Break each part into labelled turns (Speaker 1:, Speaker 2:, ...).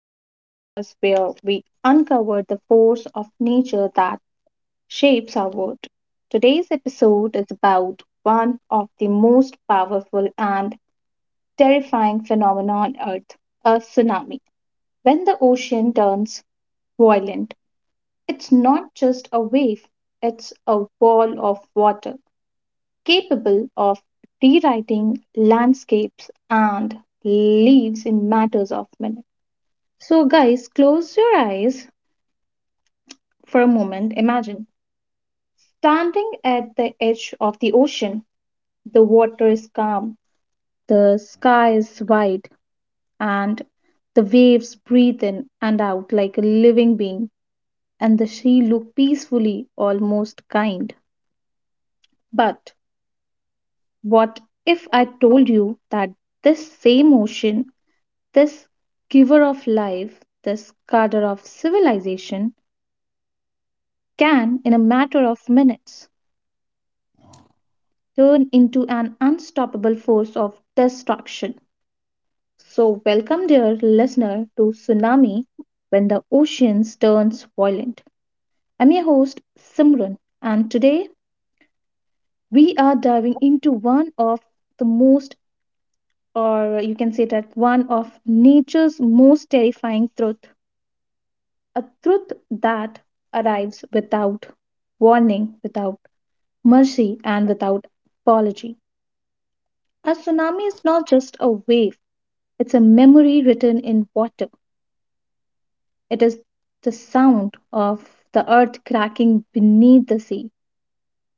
Speaker 1: to our podcast where we uncover the force of nature that shapes our world. Today's episode is about one of the most powerful and terrifying phenomena on Earth, a tsunami. When the ocean turns violent, it's not just a wave, it's a wall of water capable of rewriting landscapes and leaves in matters of minutes. So, guys, close your eyes for a moment. Imagine standing at the edge of the ocean. The water is calm, the sky is white, and the waves breathe in and out like a living being, and the sea look peacefully, almost kind. But what if I told you that this same ocean, this giver of life, this guarder of civilization, can, in a matter of minutes, turn into an unstoppable force of destruction. So, welcome, dear listener, to Tsunami When the Oceans Turns Violent. I'm your host, Simran, and today we are diving into one of the most, or you can say that one of nature's most terrifying truth, a truth that arrives without warning, without mercy, and without apology. A tsunami is not just a wave, it's a memory written in water. It is the sound of the earth cracking beneath the sea.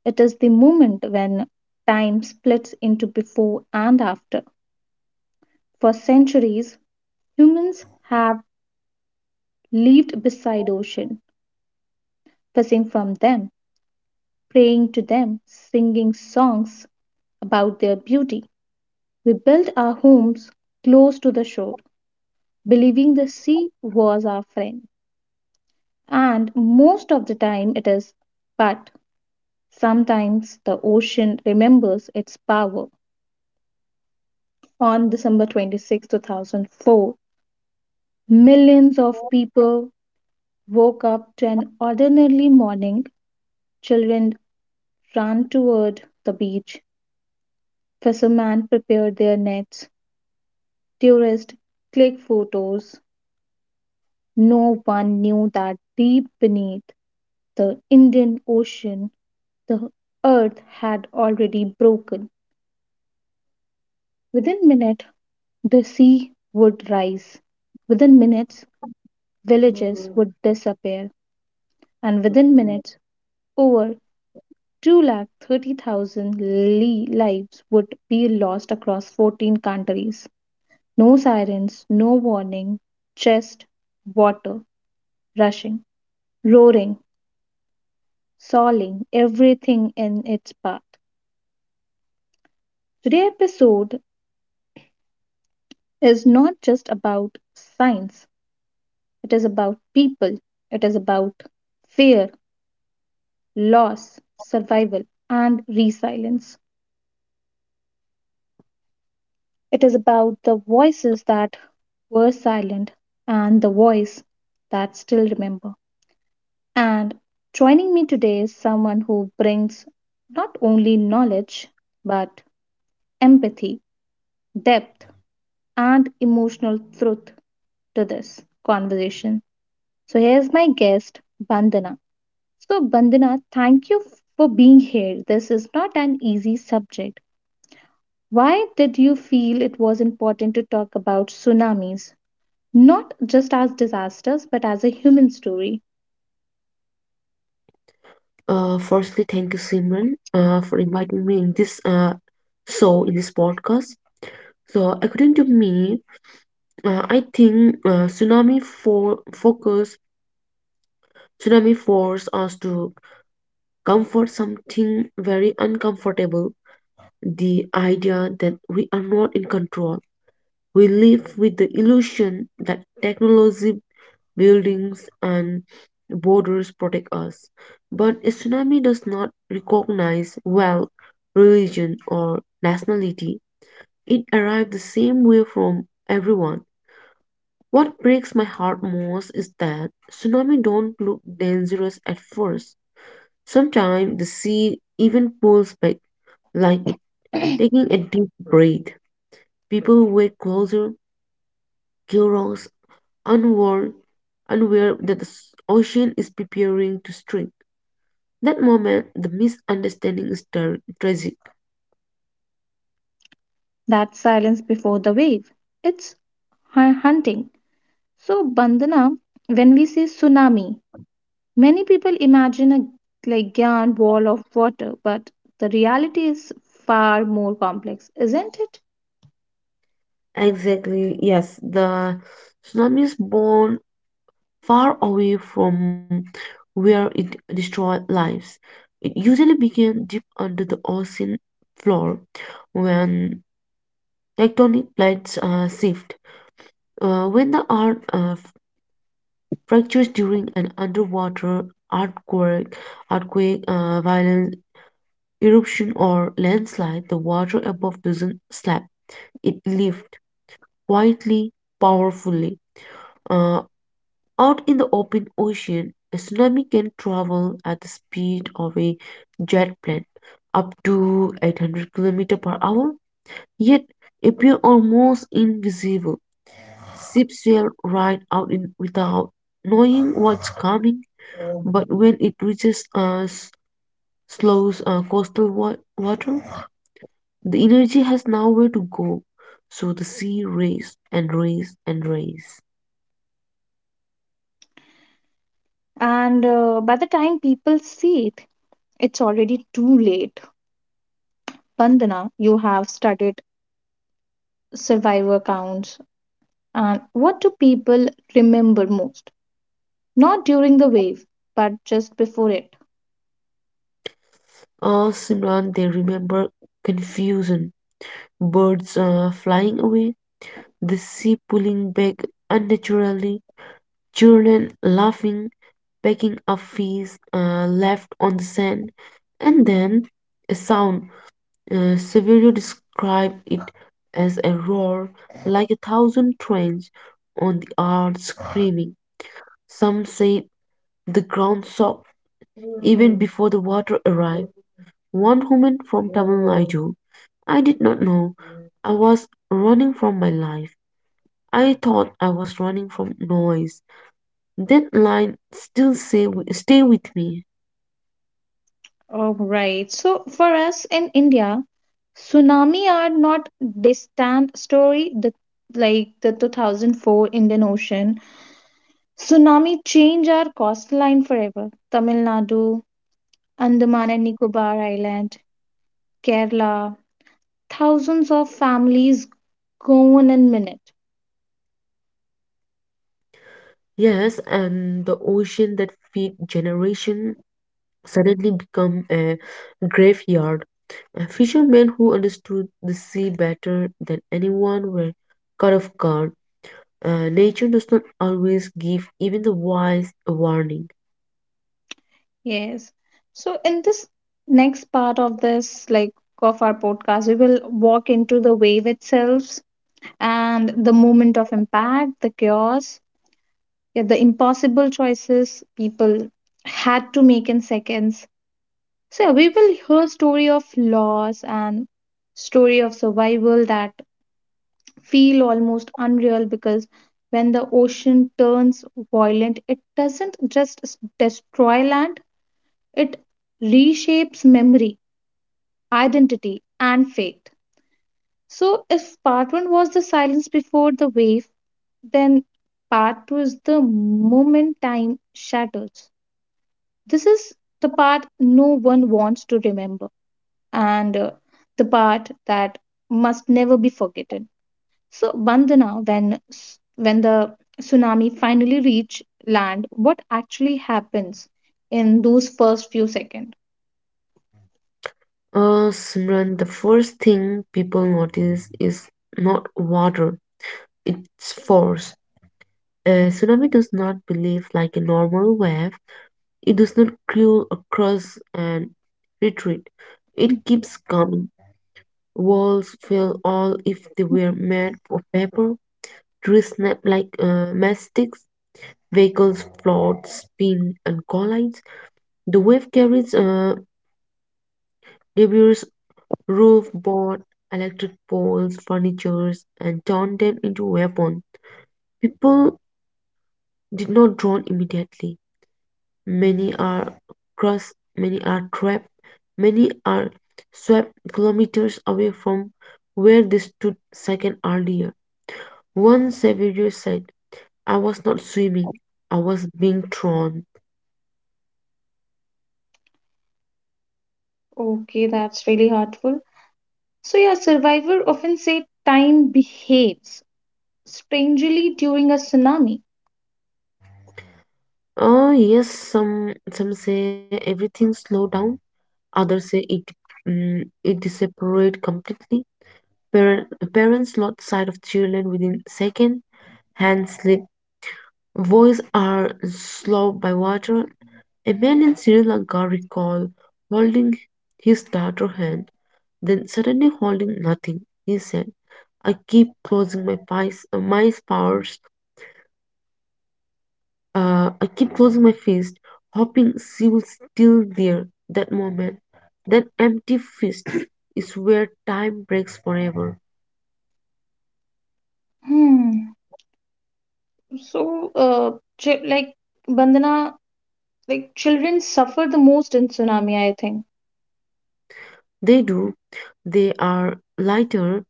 Speaker 1: It is the moment when time splits into before and after. For centuries, humans have lived beside ocean, fishing from them, praying to them, singing songs about their beauty. We built our homes close to the shore, believing the sea was our friend. And most of the time it is, but sometimes the ocean remembers its power. On December 26th, two 2004, millions of people woke up to an ordinary morning. Children ran toward the beach. Fishermen prepared their nets. Tourists clicked photos. No one knew that deep beneath the Indian Ocean, the earth had already broken. Within minutes, the sea would rise. Within minutes, villages would disappear, and within minutes, over 230,000 lives would be lost across 14 countries. No sirens, no warning, just water rushing, roaring, soiling everything in its path. Today's episode is not just about science, it is about people, it is about fear, loss, survival, and resilience. It is about the voices that were silent and the voice that still remember. And joining me today is someone who brings not only knowledge but empathy, depth, and emotional truth to this conversation. So here's my guest, Bandana. So Bandana, thank you for being here. This is not an easy subject. Why did you feel it was important to talk about tsunamis? Not just as disasters, but as a human story.
Speaker 2: Firstly, thank you, Simran, for inviting me in this show in this podcast. So, according to me, I think tsunami force us to comfort something very uncomfortable. The idea that we are not in control. We live with the illusion that technology, buildings, and borders protect us. But a tsunami does not recognize wealth, religion, or nationality. It arrived the same way from everyone. What breaks my heart most is that tsunami don't look dangerous at first. Sometimes the sea even pulls back, like it taking a deep breath. People wake closer, curious, unaware, unaware that ocean is preparing to strike. That moment, the misunderstanding is tragic.
Speaker 1: That silence before the wave. It's hunting. So, Bandana, when we say tsunami, many people imagine a like giant wall of water, but the reality is far more complex, isn't it?
Speaker 2: Exactly, yes. The tsunami is born far away from where it destroyed lives. It usually began deep under the ocean floor when tectonic plates shift. When the earth fractures during an underwater earthquake, earthquake violence, eruption, or landslide, the water above doesn't slap, it lifts. Quietly, powerfully. Uh, out in the open ocean, a tsunami can travel at the speed of a jet plane, up to 800 kilometers per hour, yet appear almost invisible. Ships sail right out in without knowing what's coming, but when it reaches us, slows coastal water, the energy has nowhere to go, so the sea race and race and race.
Speaker 1: And by the time people see it, it's already too late. Bandana, you have studied survivor counts. And what do people remember most? Not during the wave, but just before it.
Speaker 2: Simran, they remember confusion, birds flying away, the sea pulling back unnaturally, children laughing, picking up fees left on the sand, and then a sound. Severio described it as a roar, like a thousand trains on the earth screaming. Some say the ground shook even before the water arrived. One woman from Tamil Nadu, I did not know I was running from my life. I thought I was running from noise. That line still say, stay with me.
Speaker 1: All right. So for us in India, tsunami are not distant story. The like the 2004 Indian Ocean tsunami changed our coastline forever. Tamil Nadu, Andaman and Nicobar Island, Kerala, thousands of families gone in minute.
Speaker 2: Yes, and the ocean that feed generation suddenly become a graveyard. Fishermen who understood the sea better than anyone were caught off guard. Nature does not always give even the wise a warning.
Speaker 1: Yes. So in this next part of this like of our podcast, we will walk into the wave itself and the moment of impact, the chaos, yeah, the impossible choices people had to make in seconds. So yeah, we will hear story of loss and story of survival that feel almost unreal because when the ocean turns violent, it doesn't just destroy land, it reshapes memory, identity, and fate. So, if part one was the silence before the wave, then part two is the moment time shatters. This is the part no one wants to remember and the part that must never be forgotten. So, Bandana, when, when the tsunami finally reach land, what actually happens in those first few seconds?
Speaker 2: Simran, the first thing people notice is not water, it's force. A tsunami does not behave like a normal wave. It does not curl across and retreat. It keeps coming. Walls fell all if they were made of paper. Trees snap like matchsticks. Vehicles float, spin, and collide. The wave carries debris, roof bought, electric poles, furnitures, and turned them into weapons. People did not drown immediately. Many are crushed, many are trapped, many are swept kilometers away from where they stood second earlier. One survivor said, I was not swimming, I was being thrown.
Speaker 1: Okay, that's really hurtful. So, yeah, survivor often say time behaves strangely during a tsunami.
Speaker 2: Oh yes, some say everything slowed down, others say it disappeared completely. Par- parents lost sight of children within second. Hands slip. Voice are slowed by water. A man in Sri Lanka recalled holding his daughter's hand, then suddenly holding nothing. He said, "I keep closing my fist, my powers. I keep closing my fist, hoping she will still there. That moment, that empty fist, is where time breaks forever."
Speaker 1: Hmm. So, like Bandana, like children suffer the most in tsunami. I think
Speaker 2: They do. They are lighter.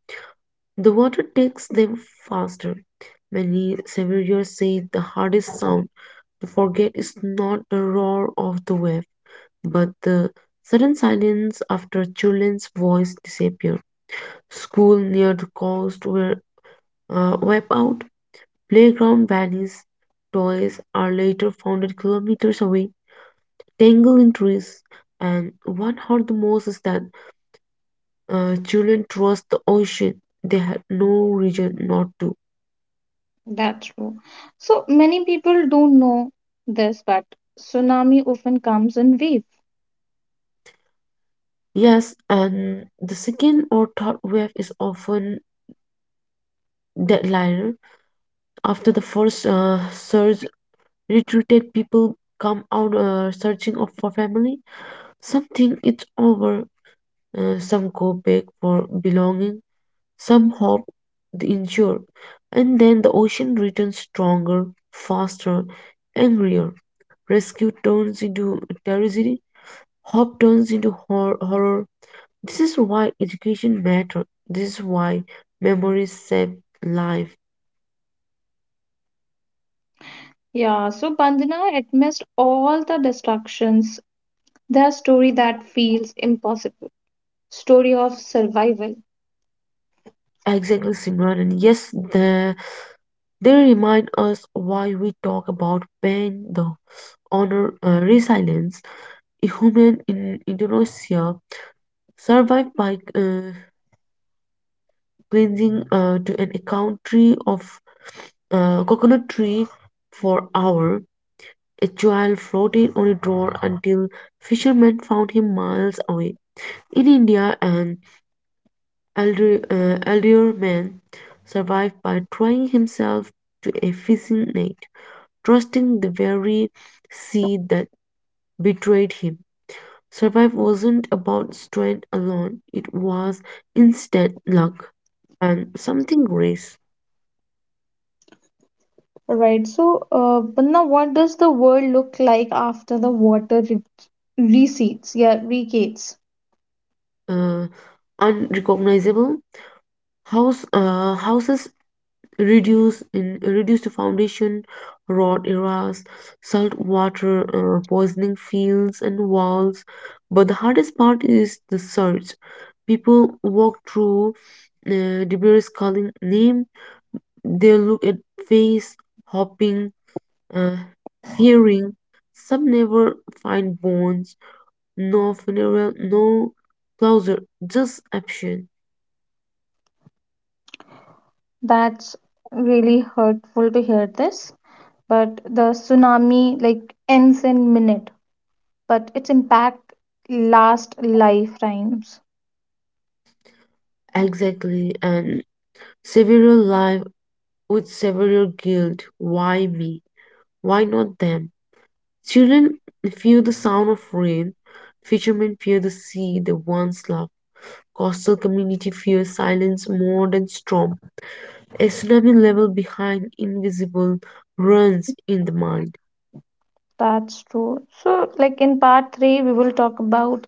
Speaker 2: The water takes them faster. Many surveyors say the hardest sound to forget is not the roar of the wave, but the sudden silence after children's voice disappear. School near the coast were wiped out, playground vanished, toys are later found kilometers away, tangled in trees. And what hurt the most is that children trust the ocean. They had no reason not to.
Speaker 1: that's true. So many people don't know this, but tsunami often comes in waves.
Speaker 2: Yes, and the second or third wave is often deadlier. After the first surge, retreated, people come out for family. Some think it's over, some go back for belonging, some hope the injured, and then the ocean returns stronger, faster, angrier. Rescue turns into tragedy. Hope turns into horror. This is why education matters. This is why memories save life.
Speaker 1: Yeah. So Bandana amidst all the destructions. The story that feels impossible. Story of survival.
Speaker 2: Exactly, Simran. And yes, the, they remind us why we talk about pain, the honor, resilience. A human in Indonesia survived by cleansing to an account tree of coconut tree for hours. A child floated on a drawer until fishermen found him miles away. In India, an elderly man survived by trying himself to a fishing net, trusting the very sea that betrayed him. Survival wasn't about strength alone, it was instant luck and something grace.
Speaker 1: Right. So, but now what does the world look like after the water recedes? Yeah, regates.
Speaker 2: Uh, unrecognizable houses reduce to foundation, rot eras, saltwater poisoning fields and walls, but the hardest part is the search. People walk through debris calling name, they look at face, hopping, uh, fearing, some never find bones, no funeral, no closure, just action.
Speaker 1: That's really hurtful to hear this. But the tsunami like ends in minute, but its impact lasts lifetimes.
Speaker 2: Exactly, and several life with several guilt. Why me? Why not them? Children fear the sound of rain. Fishermen fear the sea. The ones love. Coastal community fear silence more than storm. A tsunami level behind invisible runs in the mind.
Speaker 1: That's true. So, like in part three, we will talk about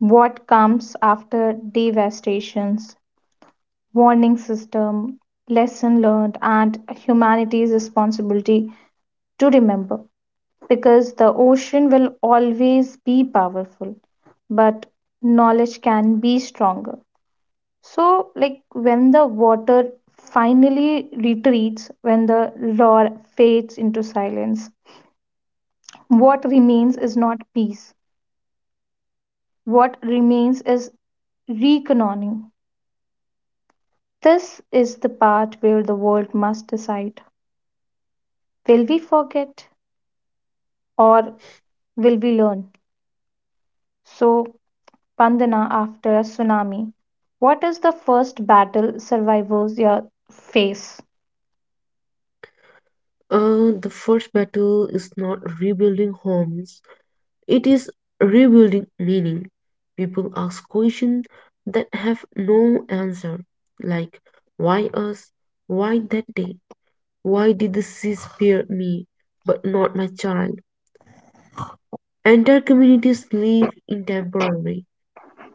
Speaker 1: what comes after devastations, warning system, lesson learned, and humanity's responsibility to remember because the ocean will always be powerful, but knowledge can be stronger. So, like when the water finally retreats, when the roar fades into silence, what remains is not peace, what remains is reckoning. This is the part where the world must decide, will we forget or will we learn? So, Pandana, after a tsunami. What is the first battle survivors, yeah, face?
Speaker 2: The first battle is not rebuilding homes, it is rebuilding meaning. People ask questions that have no answer, like why us? Why that day? Why did the sea spare me but not my child? Entire communities live in temporary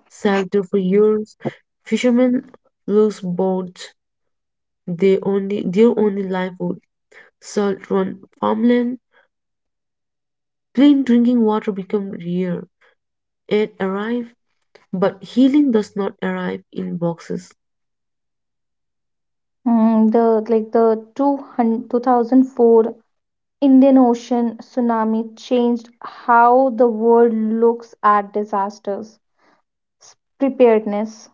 Speaker 2: sailed for years. Fishermen lose boats, they only their only livelihood. Salt run farmland, clean drinking water become rare. Aid arrive, but healing does not arrive in boxes.
Speaker 1: Mm, the like the 2004 Indian Ocean tsunami changed how the world looks at disasters. S- Preparedness.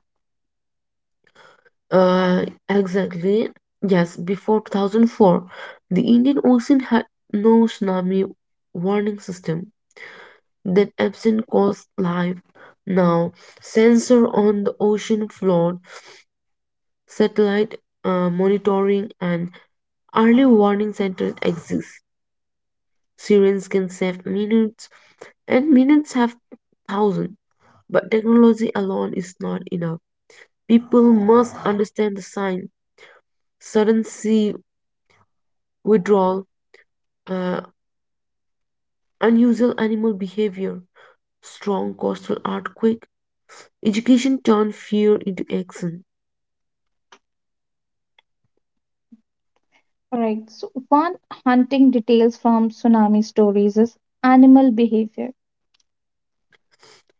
Speaker 2: Exactly. Yes, before 2004, the Indian Ocean had no tsunami warning system. That absence caused life. Now, sensor on the ocean floor, satellite monitoring, and early warning centers exist. Sirens can save minutes, and minutes have thousands. But technology alone is not enough. People must understand the sign, sudden sea withdrawal, uh, unusual animal behavior, strong coastal earthquake. Education turns fear into action.
Speaker 1: Alright, so one hunting details from tsunami stories is animal behavior.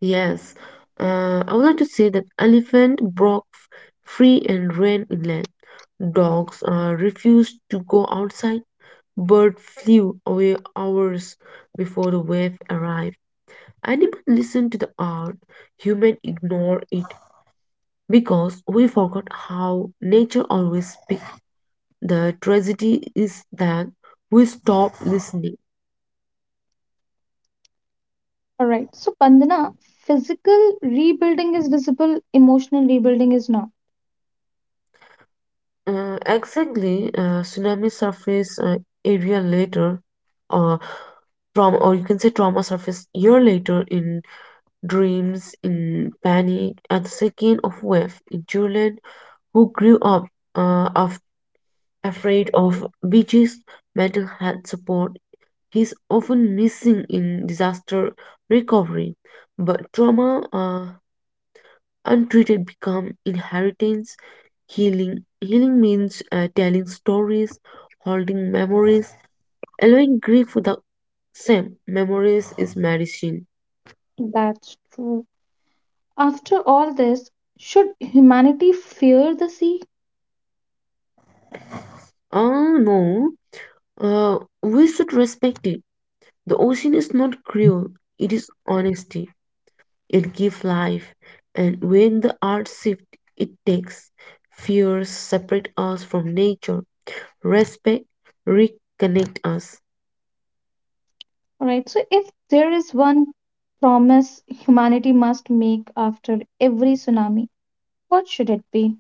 Speaker 2: Yes, I would like to say that elephant free and ran inland. Dogs refused to go outside. Bird flew away hours before the wave arrived. Animal listened to the earth. Human ignore it because we forgot how nature always speaks. The tragedy is that we stop listening.
Speaker 1: Alright, so Pandana, physical rebuilding is visible, emotional rebuilding is not.
Speaker 2: Exactly, tsunami surface area later, uh, trauma, or you can say trauma surface year later in dreams, in panic, at the second of wave in children who grew up uh, af- afraid of beaches, mental health support is often missing in disaster recovery, but trauma untreated become inheritance. Healing means telling stories, holding memories, allowing grief the same. Memories is medicine.
Speaker 1: That's true. After all this, should humanity fear the sea?
Speaker 2: Oh no, uh, we should respect it. The ocean is not cruel, it is honesty. It gives life, and when the art shift it takes. Fears separate us from nature, respect reconnect us.
Speaker 1: Right? So, if there is one promise humanity must make after every tsunami, what should it be?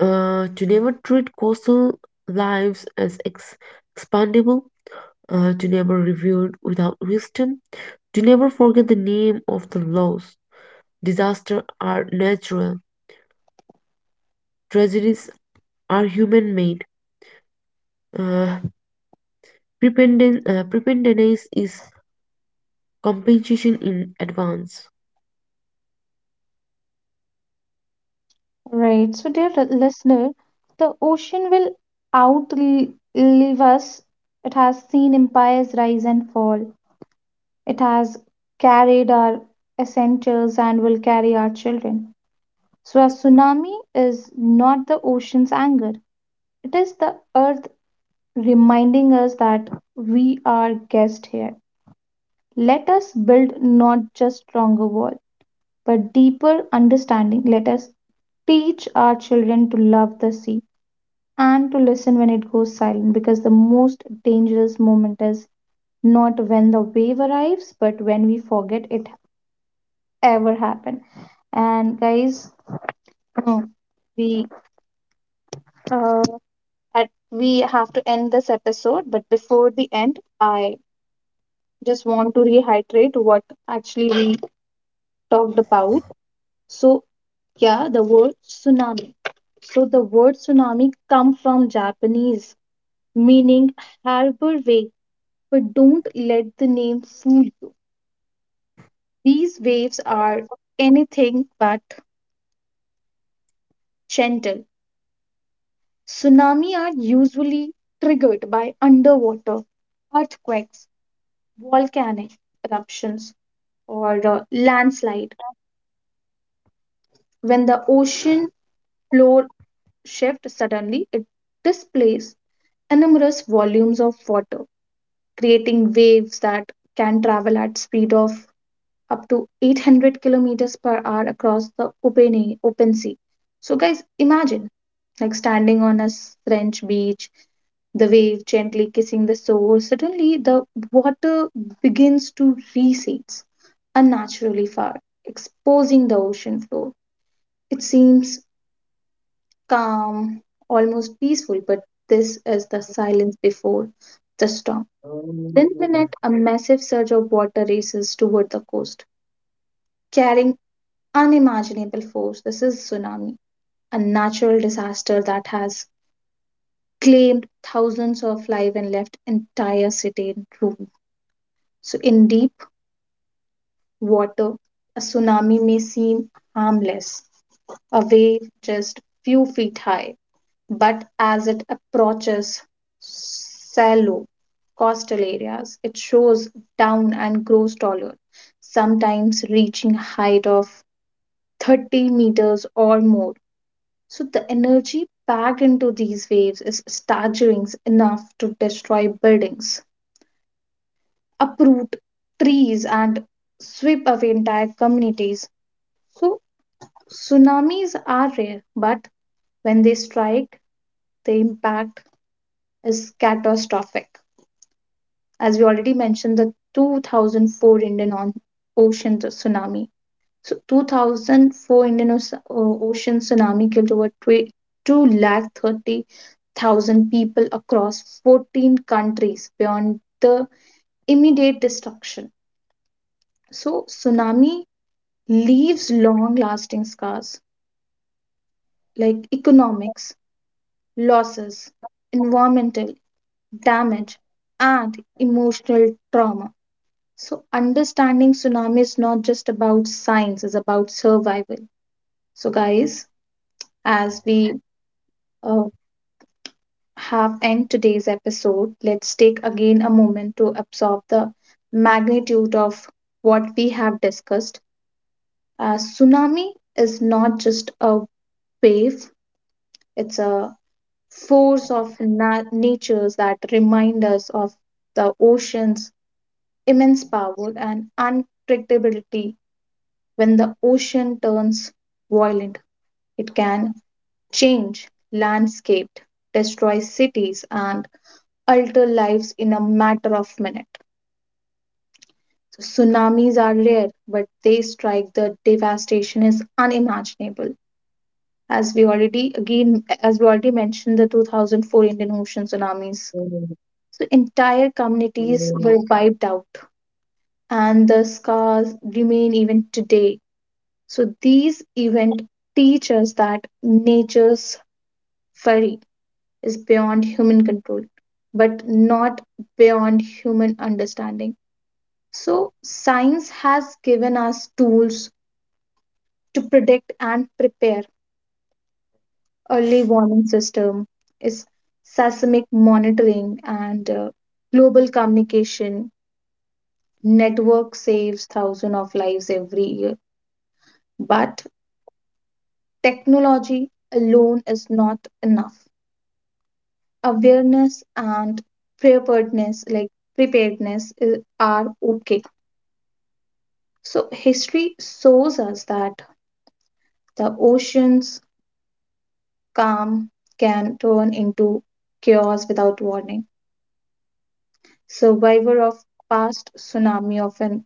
Speaker 2: To never treat coastal lives as expandable, to never reviewed without wisdom, to never forget the name of the laws. Disasters are natural, tragedies are human made. Uh, preparedness is compensation in advance.
Speaker 1: Right? So, dear listener, the ocean will outlive us. It has seen empires rise and fall, it has carried our essentials and will carry our children. So, a tsunami is not the ocean's anger, it is the earth's reminding us that we are guests here. Let us build not just stronger walls, but deeper understanding. Let us teach our children to love the sea and to listen when it goes silent because the most dangerous moment is not when the wave arrives but when we forget it ever happened. And guys, we uh, we have to end this episode but before the end I just want to rehydrate what actually we talked about. So, yeah, the word tsunami. So, the word tsunami come from Japanese, meaning harbor wave. But don't let the name fool you. These waves are anything but gentle. Tsunami are usually triggered by underwater earthquakes, volcanic eruptions, or landslide. When the ocean floor shift suddenly, it displaces enormous volumes of water, creating waves that can travel at speed of up to 800 kilometers per hour across the open, open sea. So, guys, imagine like standing on a French beach, the wave gently kissing the shore. Suddenly, the water begins to recede unnaturally far, exposing the ocean floor. It seems calm, almost peaceful, but this is the silence before the storm. Within a minute, a massive surge of water races toward the coast, carrying unimaginable force. This is tsunami, a natural disaster that has claimed thousands of lives and left entire city in ruin. So, in deep water, a tsunami may seem harmless, a wave just few feet high but as it approaches shallow coastal areas, it shows down and grows taller, sometimes reaching height of 30 meters or more. So the energy packed into these waves is staggering enough to destroy buildings, uproot trees, and sweep away entire communities. So tsunamis are rare, but when they strike, the impact is catastrophic. As we already mentioned, the 2004 Indian Ocean tsunami. So, 2004 Indian Ocean tsunami killed over 2 lakh 30,000 people across 14 countries beyond the immediate destruction. So, tsunami leaves long lasting scars like economics, losses, environmental damage, and emotional trauma. So, understanding tsunami is not just about science, it's about survival. So, guys, as we uh, have end today's episode, let's take again a moment to absorb the magnitude of what we have discussed. A tsunami is not just a wave, it's a force of natures that remind us of the ocean's immense power and unpredictability. When the ocean turns violent, it can change landscape, destroy cities, and alter lives in a matter of minutes. Tsunamis are rare, but they strike. The devastation is unimaginable. As we already again, as we already mentioned, the 2004 Indian Ocean tsunamis. So entire communities were wiped out, and the scars remain even today. So these events teach us that nature's fury is beyond human control, but not beyond human understanding. So science has given us tools to predict and prepare. Early warning system is seismic monitoring and global communication network saves thousands of lives every year. But technology alone is not enough. Awareness and preparedness like preparedness i- are okay. So history shows us that the ocean's calm can turn into chaos without warning. Survivor of past tsunami often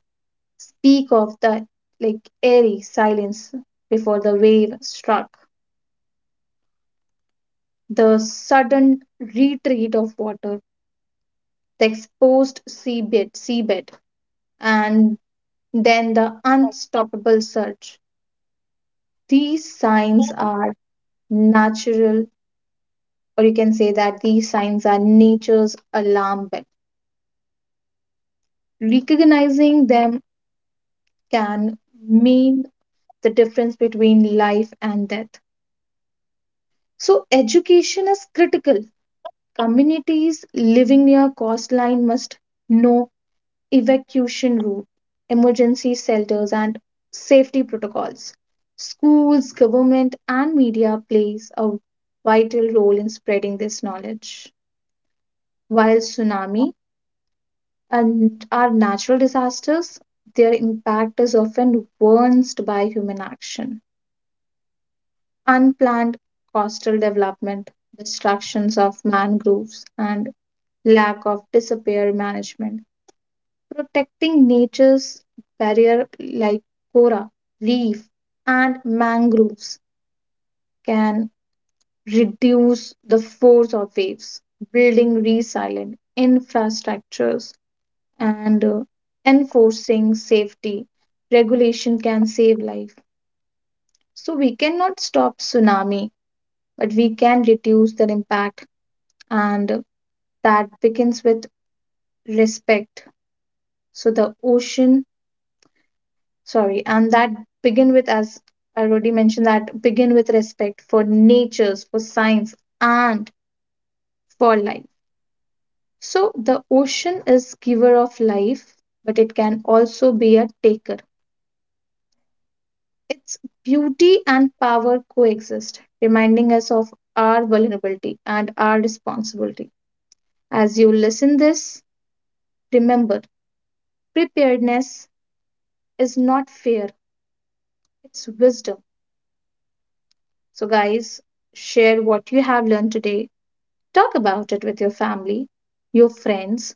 Speaker 1: speak of the like airy silence before the wave struck, the sudden retreat of water, the exposed seabed, and then the unstoppable surge. These signs are natural, or you can say that these signs are nature's alarm bell. Recognizing them can mean the difference between life and death. So, education is critical. Communities living near coastline must know evacuation route, emergency shelters, and safety protocols. Schools, government, and media plays a vital role in spreading this knowledge. While tsunami and are natural disasters, their impact is often worsened by human action. Unplanned coastal development, destructions of mangroves, and lack of disappear management. Protecting nature's barrier like coral, reef, and mangroves can reduce the force of waves. Building resilient infrastructures and enforcing safety regulation can save life. So we cannot stop tsunami but we can reduce their impact and that begins with respect. So the ocean, sorry, and that begin with, as I already mentioned, that begin with respect for natures, for science, and for life. So the ocean is giver of life but it can also be a taker. Its beauty and power coexist, reminding us of our vulnerability and our responsibility. As you listen this, remember preparedness is not fear, it's wisdom. So guys, share what you have learned today. Talk about it with your family, your friends,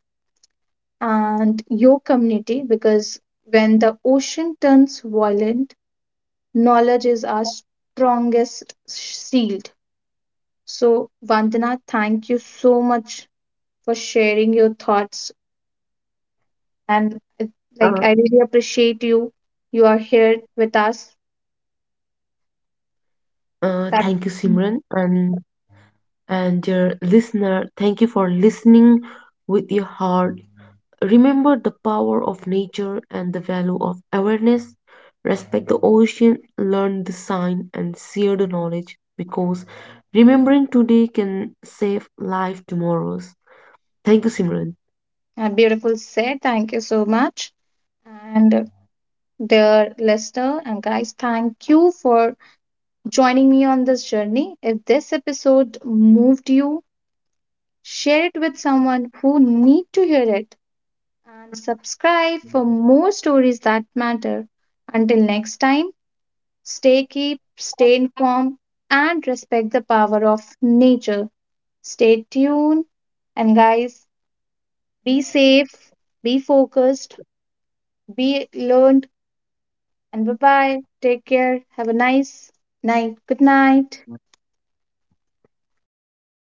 Speaker 1: and your community because when the ocean turns violent, knowledge is our strongest shield. So, Vandana, thank you so much for sharing your thoughts. And like,
Speaker 2: Uh,
Speaker 1: I really appreciate you. You are here with us. That
Speaker 2: thank you, Simran, and dear listener, thank you for listening with your heart. Remember the power of nature and the value of awareness. Respect the ocean, learn the sign, and share the knowledge because remembering today can save life tomorrows. Thank you, Simran.
Speaker 1: a beautiful set. Thank you so much. And dear listener and guys, thank you for joining me on this journey. If this episode moved you, share it with someone who need to hear it and subscribe for more stories that matter. Until next time. Stay informed, and respect the power of nature. Stay tuned, and guys, be safe, be focused, be learned, and bye bye. Take care. Have a nice night. Good night.